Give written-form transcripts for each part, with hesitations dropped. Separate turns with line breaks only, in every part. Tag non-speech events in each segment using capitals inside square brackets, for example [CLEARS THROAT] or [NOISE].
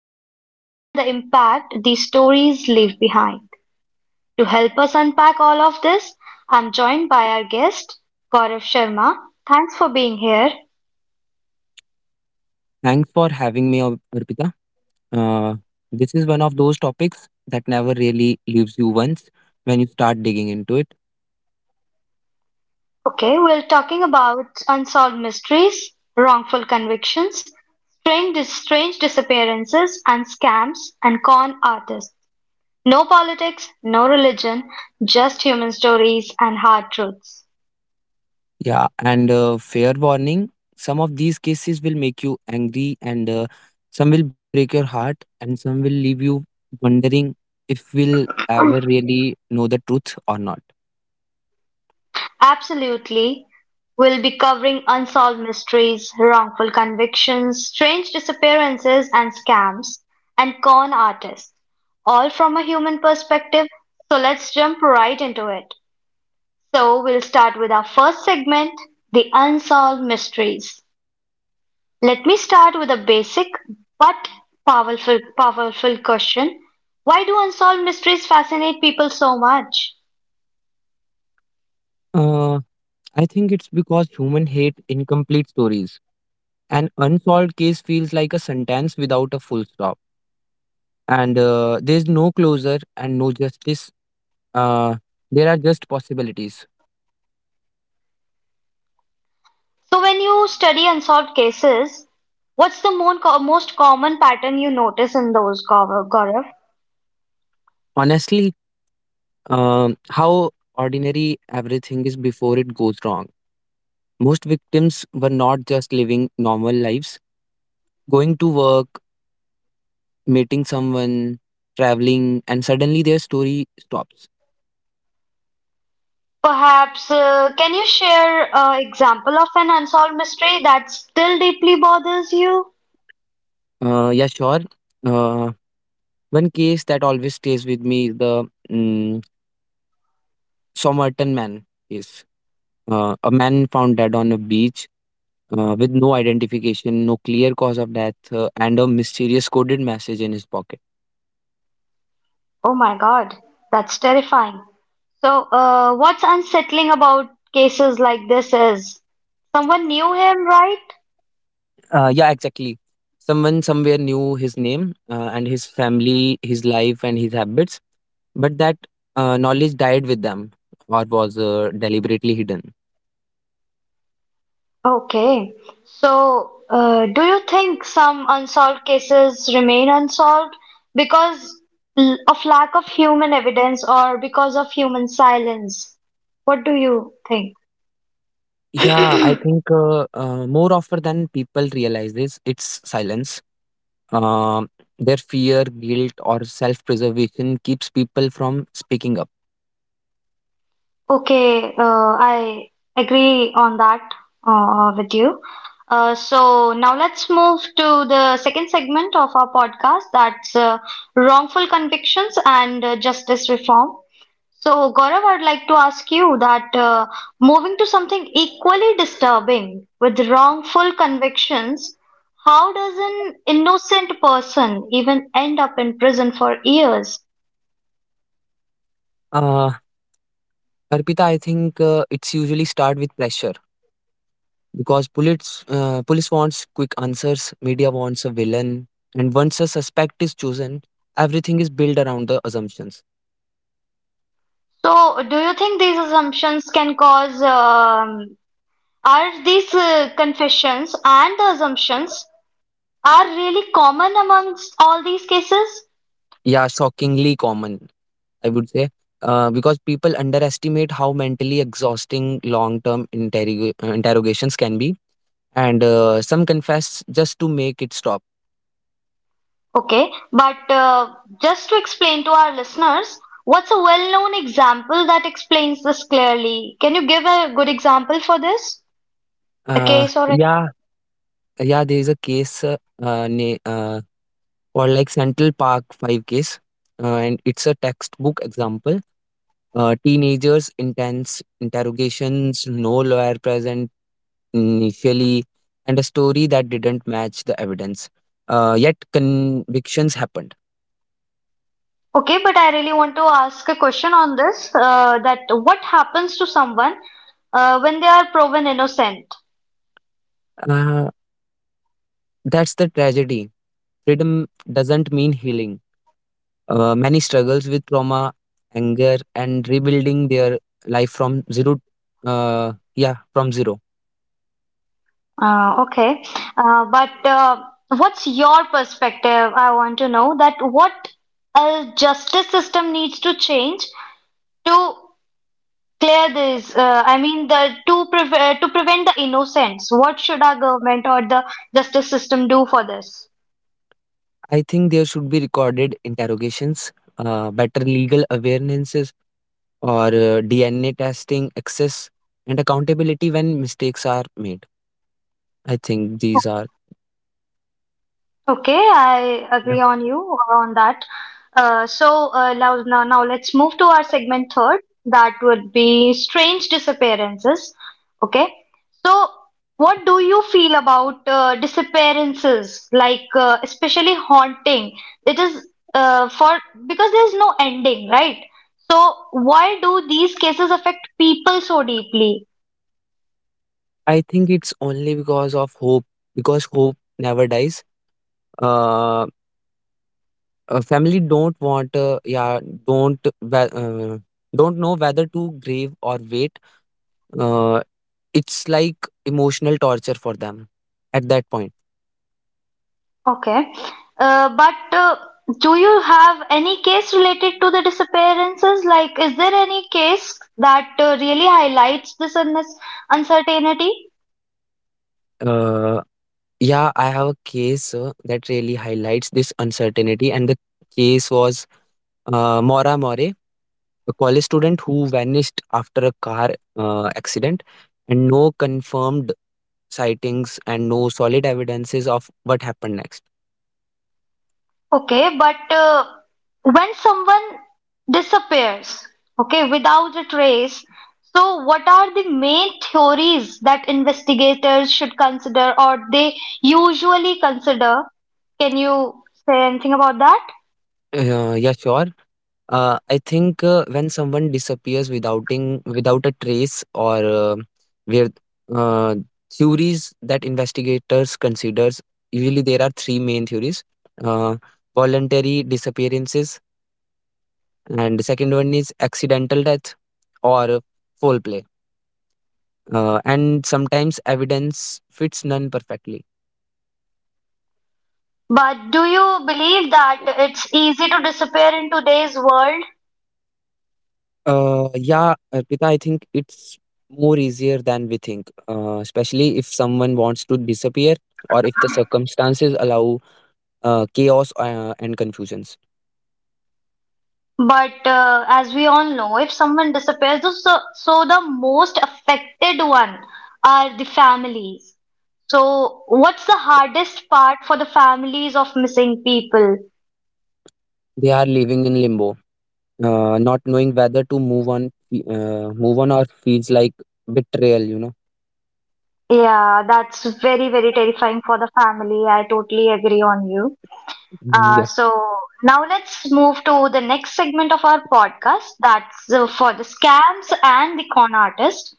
headlines, and the impact these stories leave behind. To help us unpack all of this, I'm joined by our guest, Gaurav Sharma. Thanks for being here.
Thanks for having me, Arpita. Uh, this is one of those topics that never really leaves you once when you start digging into it.
Okay, we're talking about unsolved mysteries, wrongful convictions, strange, strange disappearances, and scams and con artists. No politics, no religion, just human stories and hard truths.
Yeah, and fair warning, some of these cases will make you angry, and some will break your heart, and some will leave you wondering if we'll ever really know the truth or not.
Absolutely. We'll be covering unsolved mysteries, wrongful convictions, strange disappearances, and scams, and con artists, all from a human perspective. So let's jump right into it. So, we'll start with our first segment, the unsolved mysteries. Let me start with a basic but powerful question. Why do unsolved mysteries fascinate people so much?
Uh, I think it's because human hate incomplete stories. An unsolved case feels like a sentence without a full stop, and there's no closure and no justice. Uh, there are just possibilities.
So, when you study unsolved cases, what's the most common pattern you notice in those, Gaurav? Gaurav?
Honestly, how ordinary everything is before it goes wrong. Most victims were not just living normal lives, going to work, meeting someone, traveling, and suddenly their story stops.
Perhaps, can you share an example of an unsolved mystery that still deeply bothers you?
Yeah, sure. Uh, One case that always stays with me is the um, Somerton man case. A man found dead on a beach, with no identification, no clear cause of death, and a mysterious coded message in his pocket.
Oh my God, that's terrifying. So, what's unsettling about cases like this is someone knew him, right?
Yeah, exactly. Someone somewhere knew his name, and his family, his life, and his habits. But that knowledge died with them or was deliberately hidden.
Okay. So, do you think some unsolved cases remain unsolved because of lack of human evidence or because of human silence? What do you think?
Yeah, I
[CLEARS THROAT]
think more often than people realize this, it's silence. Um their fear, guilt, or self preservation keeps people from speaking up.
Okay, I agree on that with you. So now let's move to the second segment of our podcast, that's wrongful convictions and justice reform. So, Gaurav, I'd like to ask you that moving to something equally disturbing with wrongful convictions, how does an innocent person even end up in prison for years?
Uh, Arpita, I think it's usually start with pressure because police wants quick answers, media wants a villain, and once a suspect is chosen, everything is built around the assumptions.
So, do you think these assumptions can cause are these confessions and the assumptions are really common amongst all these cases?
Yeah, shockingly common. I would say, because people underestimate how mentally exhausting long term interrogations can be. And some confess just to make it stop.
Okay, but just to explain to our listeners, what's a well-known example that explains this clearly? Can you give a good example for this? A
Uh,
case or a...
yeah, yeah, there is a case uh, na- uh, called like Central Park 5 case, and it's a textbook example. Teenagers, intense interrogations, no lawyer present initially, and a story that didn't match the evidence. Yet convictions happened.
Okay, but I really want to ask a question on this, that what happens to someone when they are proven innocent?
Uh, That's the tragedy. Freedom doesn't mean healing. Many struggles with trauma, anger, and rebuilding their life from zero. Yeah, from zero.
Okay. But what's your perspective? I want to know that what a justice system needs to change to clear this. I mean, the to prevent the innocence. What should our government or the justice system do for this?
I think there should be recorded interrogations, better legal awarenesses, or DNA testing, access, and accountability when mistakes are made. I think these are.
Okay, I
Yeah.
agree on you on that. So now let's move to our segment third. That would be strange disappearances. Okay, so what do you feel about disappearances, like especially haunting? It is for because there's no ending, right? So why do these cases affect people so deeply?
I think it's only because of hope, because hope never dies. Uh, family don't want, don't don't know whether to grieve or wait, uh, it's like emotional torture for them at that point.
Okay. But do you have any case related to the disappearances? Like, is there any case that really highlights this un uncertainty?
uh, yeah, I have a case that really highlights this uncertainty, and the case was mora more a college student who vanished after a car accident, and no confirmed sightings and no solid evidences of what happened next.
Okay, but when someone disappears, okay, without a trace, so what are the main theories that investigators should consider or they usually consider? Can you say anything about that?
Yeah, sure. I think when someone disappears without a trace, or where uh, theories that investigators considers, usually there are three main theories: uh, voluntary disappearances, and the second one is accidental death or foul play, and sometimes evidence fits none perfectly.
But do you believe that it's easy to disappear in today's world?
Yeah, Arpita, I think it's more easier than we think, especially if someone wants to disappear or if the circumstances allow chaos and confusions.
But as we all know, if someone disappears, so the most affected one are the families. So, what's the hardest part for the families of missing people?
They are living in limbo, not knowing whether to move on or feels like betrayal,
Yeah, that's very, very terrifying for the family. I totally agree on you.
Mm,
Uh,
yeah.
so now let's move to the next segment of our podcast. That's for the scams and the con artist.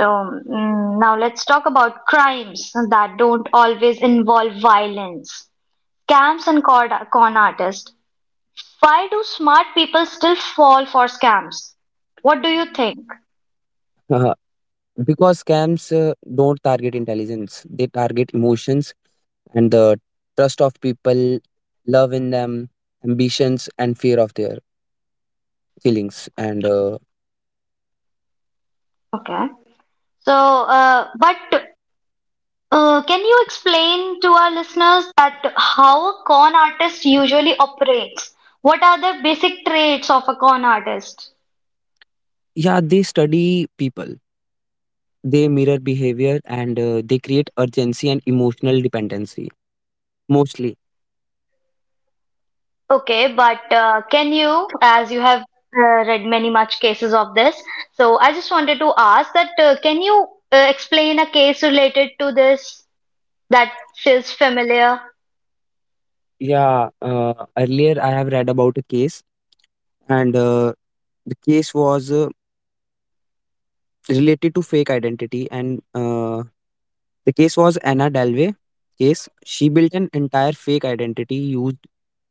So mm, now let's talk about crimes that don't always involve violence. Scams and con artists. Why do smart people still fall for scams? What do you think?
[LAUGHS] Because scams don't target intelligence, they target emotions and the trust of people, love in them, ambitions, and fear of their feelings. And
Okay. So, but can you explain to our listeners that how a con artist usually operates? What are the basic traits of a con artist?
yeah, they study people, they mirror behavior, and they create urgency and emotional dependency, mostly.
Okay, but can you, as you have read many much cases of this, so I just wanted to ask that can you explain a case related to this that feels familiar?
Yeah, earlier I have read about a case, and the case was related to fake identity, and the case was Anna Dalvey case. She built an entire fake identity, used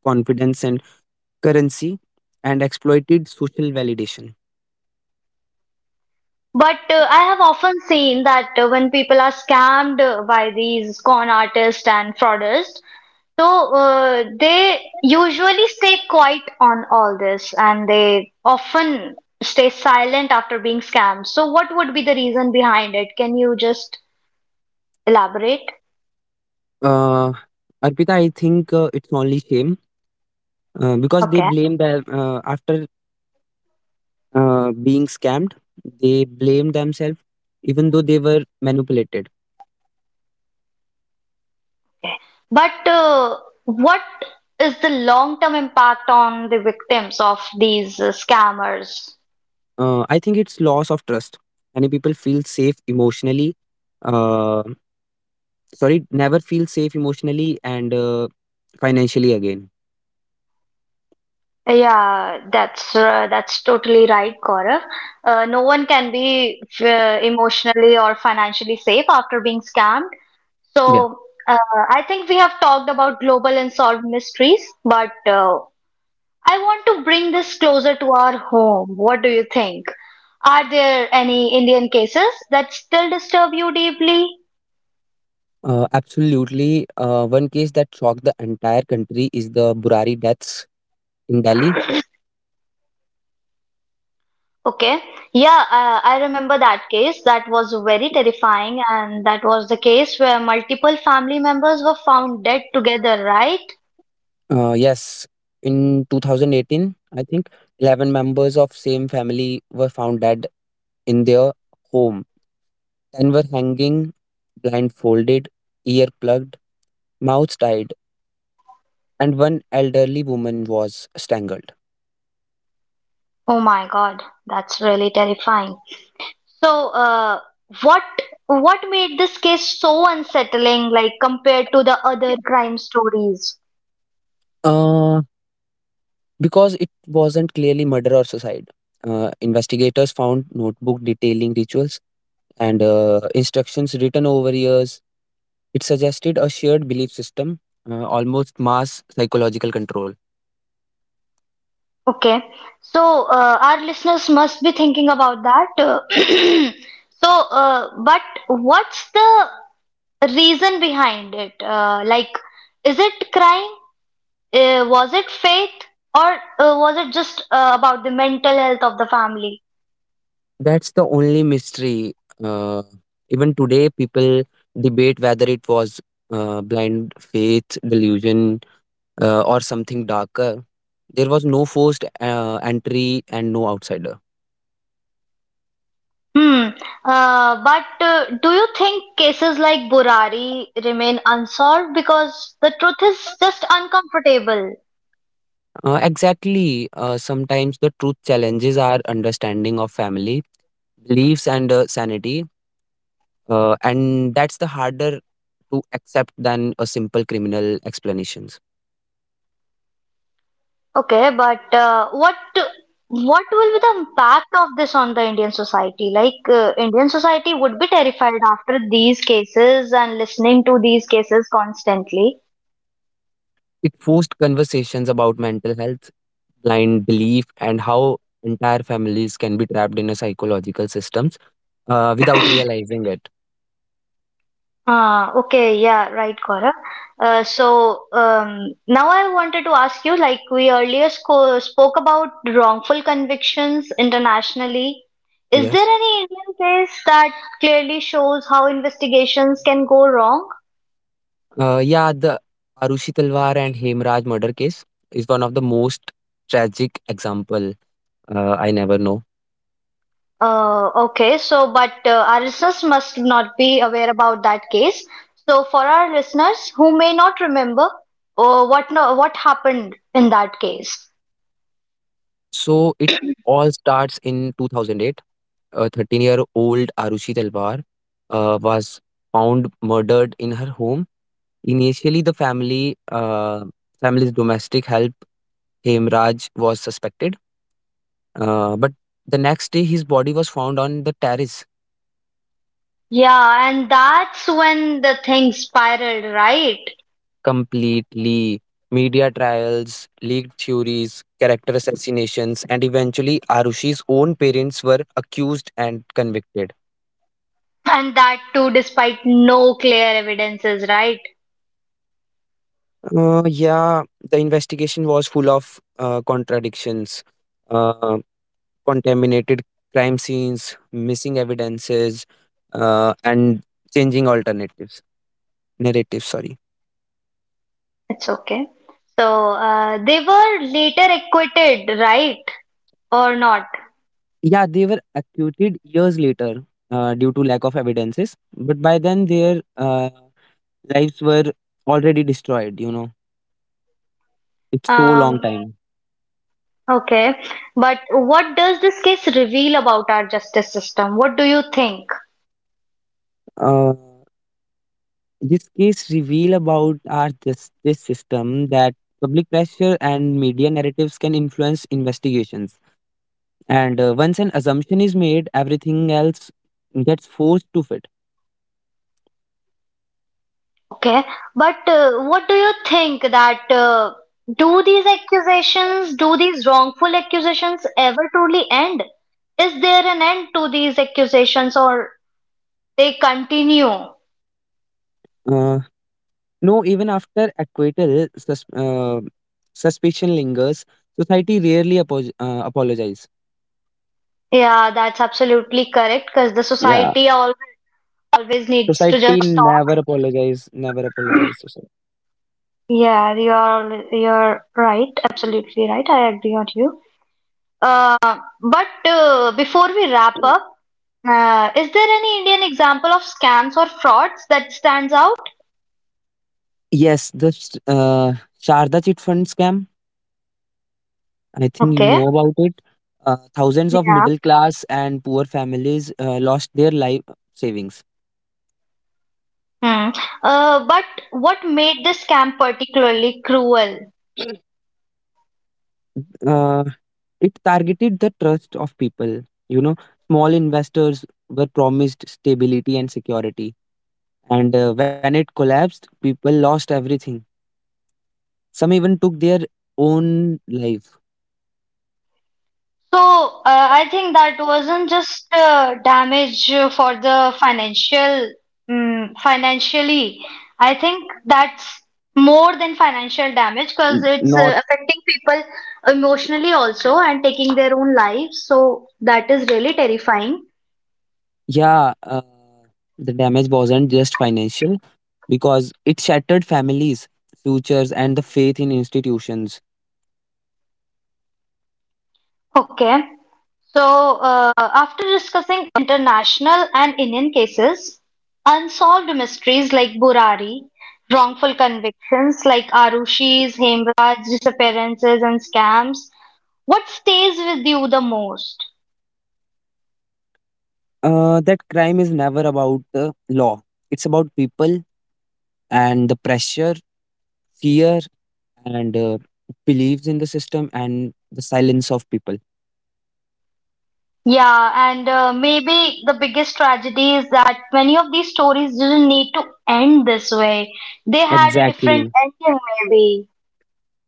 confidence and currency, and exploited social validation.
But I have often seen that when people are scammed by these con artists and fraudsters, so they usually stay quiet on all this and they often stay silent after being scammed. So what would be the reason behind it? Can you just elaborate.
uh, Arpita, I think it's only shame because they
Okay.
blame them after being scammed. They blame themselves, even though they were manipulated.
But what is the long-term impact on the victims of these scammers?
I think it's loss of trust. Many people feel safe emotionally, uh, sorry, never feel safe emotionally and financially again.
Yeah, that's totally right, Gaurav. No one can be emotionally or financially safe after being scammed.
Yeah,
So uh, I think we have talked about global and solved mysteries, but I want to bring this closer to our home. What do you think? Are there any Indian cases that still disturb you deeply?
absolutely. One case that shocked the entire country is the Burari deaths in Delhi.
Okay. Yeah, I remember that case. That was very terrifying, and that was the case where multiple family members were found dead together, right?
Yes, in 2018, I think 11 members of same family were found dead in their home. 10 were hanging, blindfolded, ear plugged, mouths tied, and one elderly woman was strangled.
Oh my God, that's really terrifying. So, what what made this case so unsettling, like compared to the other crime stories?
Uh, because it wasn't clearly murder or suicide. Investigators found notebook detailing rituals and instructions written over years. It suggested a shared belief system, almost mass psychological control.
Okay, so our listeners must be thinking about that. [CLEARS THROAT] So, but what's the reason behind it? Like, is it crime? Was it faith? Or was it just about the mental health of the family?
That's the only mystery. Uh, Even today, people debate whether it was blind faith, delusion, or something darker. There was no forced entry and no outsider.
Hmm. But do you think cases like Burari remain unsolved because the truth is just uncomfortable?
Exactly. Sometimes the truth challenges our understanding of family, beliefs, and sanity. And that's the harder to accept than a simple criminal explanations.
Okay, but what will be the impact of this on the Indian society? Like Indian society would be terrified after these cases and listening to these cases constantly.
It forced conversations about mental health, blind belief, and how entire families can be trapped in a psychological systems without realizing it.
Okay, yeah, right, Gaurav. Now I wanted to ask you, like we earlier sco spoke about wrongful convictions internationally. Is there
Yes.
any Indian case that clearly shows how investigations can go wrong?
Yeah, the Arushi Talwar and Hemraj murder case is one of the most tragic example. I never know.
Okay, so but our listeners must not be aware about that case. So for our listeners who may not remember what no, what happened in that case.
So it all starts in 2008. A 13-year-old Arushi Talwar was found murdered in her home. Initially, the family's domestic help Hemraj was suspected, but the next day his body was found on the terrace.
Yeah, and that's when the thing spiraled, right?
Completely, media trials, leaked theories, character assassinations, and eventually Arushi's own parents were accused and convicted.
And that too despite no clear evidences, right?
Yeah, the investigation was full of contradictions, uh, contaminated crime scenes, missing evidences, and changing alternatives narratives. Sorry.
It's okay. So they were later acquitted, right? Or not?
Yeah, they were acquitted years later due to lack of evidences, but by then their lives were already destroyed. You know, it's so long
Um,
time.
Okay, but what does this case reveal about our justice system? What do you think?
Uh, This case reveal about our justice system that public pressure and media narratives can influence investigations. And once an assumption is made, everything else gets forced to fit.
Okay, but what do you think that do these accusations, do these wrongful accusations ever truly end? Is there an end to these accusations or they continue?
Uh, no, even after acquittal, suspicion lingers. Society rarely apologize.
Yeah, that's absolutely correct because the
Yeah,
society always, always needs to
society
just stop.
never apologize. Never apologize. Society.
Yeah, you're right, absolutely right. I agree on you. But before we wrap up, is there any Indian example of scams or frauds that stands out?
Yes, the Sharda chit fund scam. I think you
Okay.
know about it. Thousands of
Yeah.
middle class and poor families lost their life savings.
Hmm. But what made this scam particularly cruel?
Uh, it targeted the trust of people. You know, small investors were promised stability and security. And when it collapsed, people lost everything. Some even took their own life.
So, I think that wasn't just damage for the financial, financially. I think that's more than financial damage because
N-
it's
Not,
affecting people emotionally also and taking their own lives. So, that is really terrifying.
yeah, the damage wasn't just financial because it shattered families, futures, and the faith in institutions.
Okay. So, after discussing international and Indian cases, unsolved mysteries like Burari, wrongful convictions like Arushi's, Hemraj's disappearances and scams, what stays with you the most?
That crime is never about the law. It's about people and the pressure, fear, and beliefs in the system and the silence of people.
Yeah, and maybe the biggest tragedy is that many of these stories didn't need to end this way. They had a different
Exactly.
ending, maybe.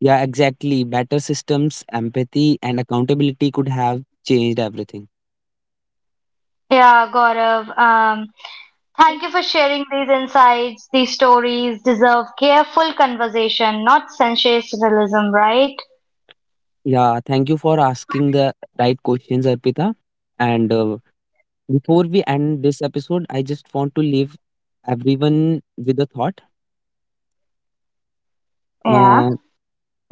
Yeah, exactly. Better systems, empathy, and accountability could have changed everything.
Yeah, Gaurav. Thank you for sharing these insights. These stories deserve careful conversation, not sensationalism, right?
Yeah, thank you for asking the right questions, Arpita. And before we end this episode, I just want to leave everyone with a thought.
Yeah.
Uh,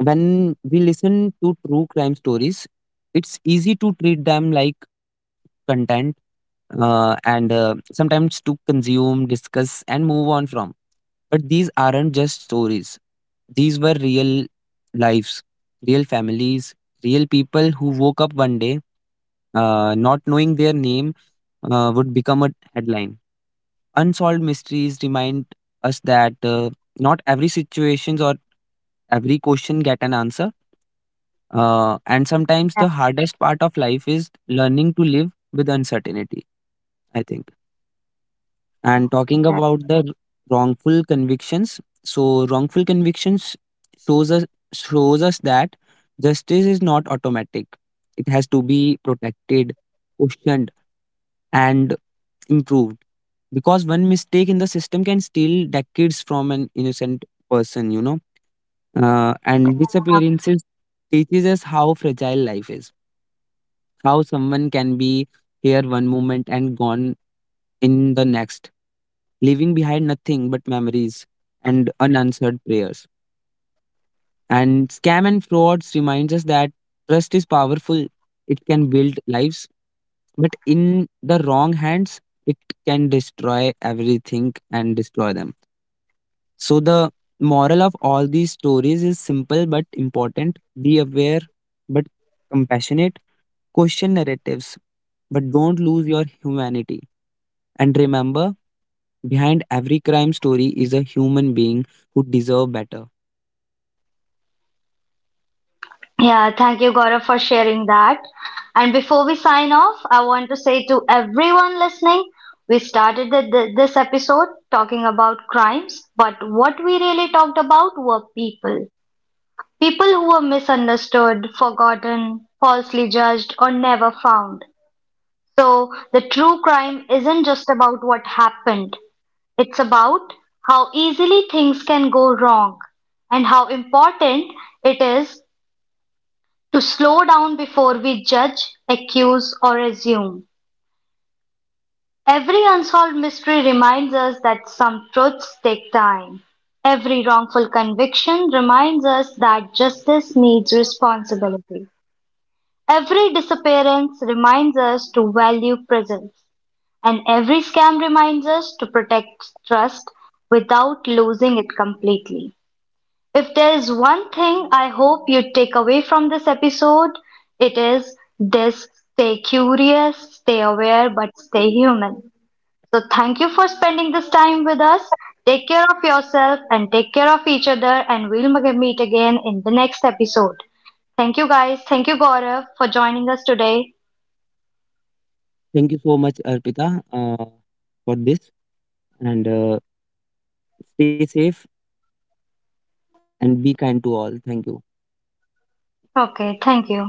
When we listen to true crime stories, it's easy to treat them like content, and sometimes to consume, discuss, and move on from. But these aren't just stories, these were real lives, real families, real people who woke up one day not knowing their name would become a headline. Unsolved mysteries remind us that not every situations or every question get an answer, and sometimes
Yeah,
the hardest part of life is learning to live with uncertainty, I think. And talking
yeah.
about the wrongful convictions, so wrongful convictions shows us shows us that justice is not automatic. It has to be protected, questioned, and improved. Because one mistake in the system can steal decades from an innocent person, you know. And disappearances teaches us how fragile life is. How someone can be here one moment and gone in the next, leaving behind nothing but memories and unanswered prayers. And scam and frauds reminds us that trust is powerful. It can build lives, but in the wrong hands, it can destroy everything and destroy them. So the moral of all these stories is simple but important. Be aware but compassionate. Question narratives, but don't lose your humanity. And remember, behind every crime story is a human being who deserve better.
Yeah, thank you, Gaurav, for sharing that. And before we sign off, I want to say to everyone listening, we started this episode talking about crimes, but what we really talked about were people. People who were misunderstood, forgotten, falsely judged, or never found. So the true crime isn't just about what happened, it's about how easily things can go wrong and how important it is to slow down before we judge, accuse, or assume. Every unsolved mystery reminds us that some truths take time. Every wrongful conviction reminds us that justice needs responsibility. Every disappearance reminds us to value presence. And every scam reminds us to protect trust without losing it completely. If there is one thing I hope you take away from this episode, it is this: stay curious, stay aware, but stay human. So, thank you for spending this time with us. Take care of yourself and take care of each other, and we'll meet again in the next episode. Thank you, guys. Thank you, Gaurav, for joining us today.
Thank you so much, Arpita, for this. And stay safe and be kind to all. Thank you.
Okay, thank you.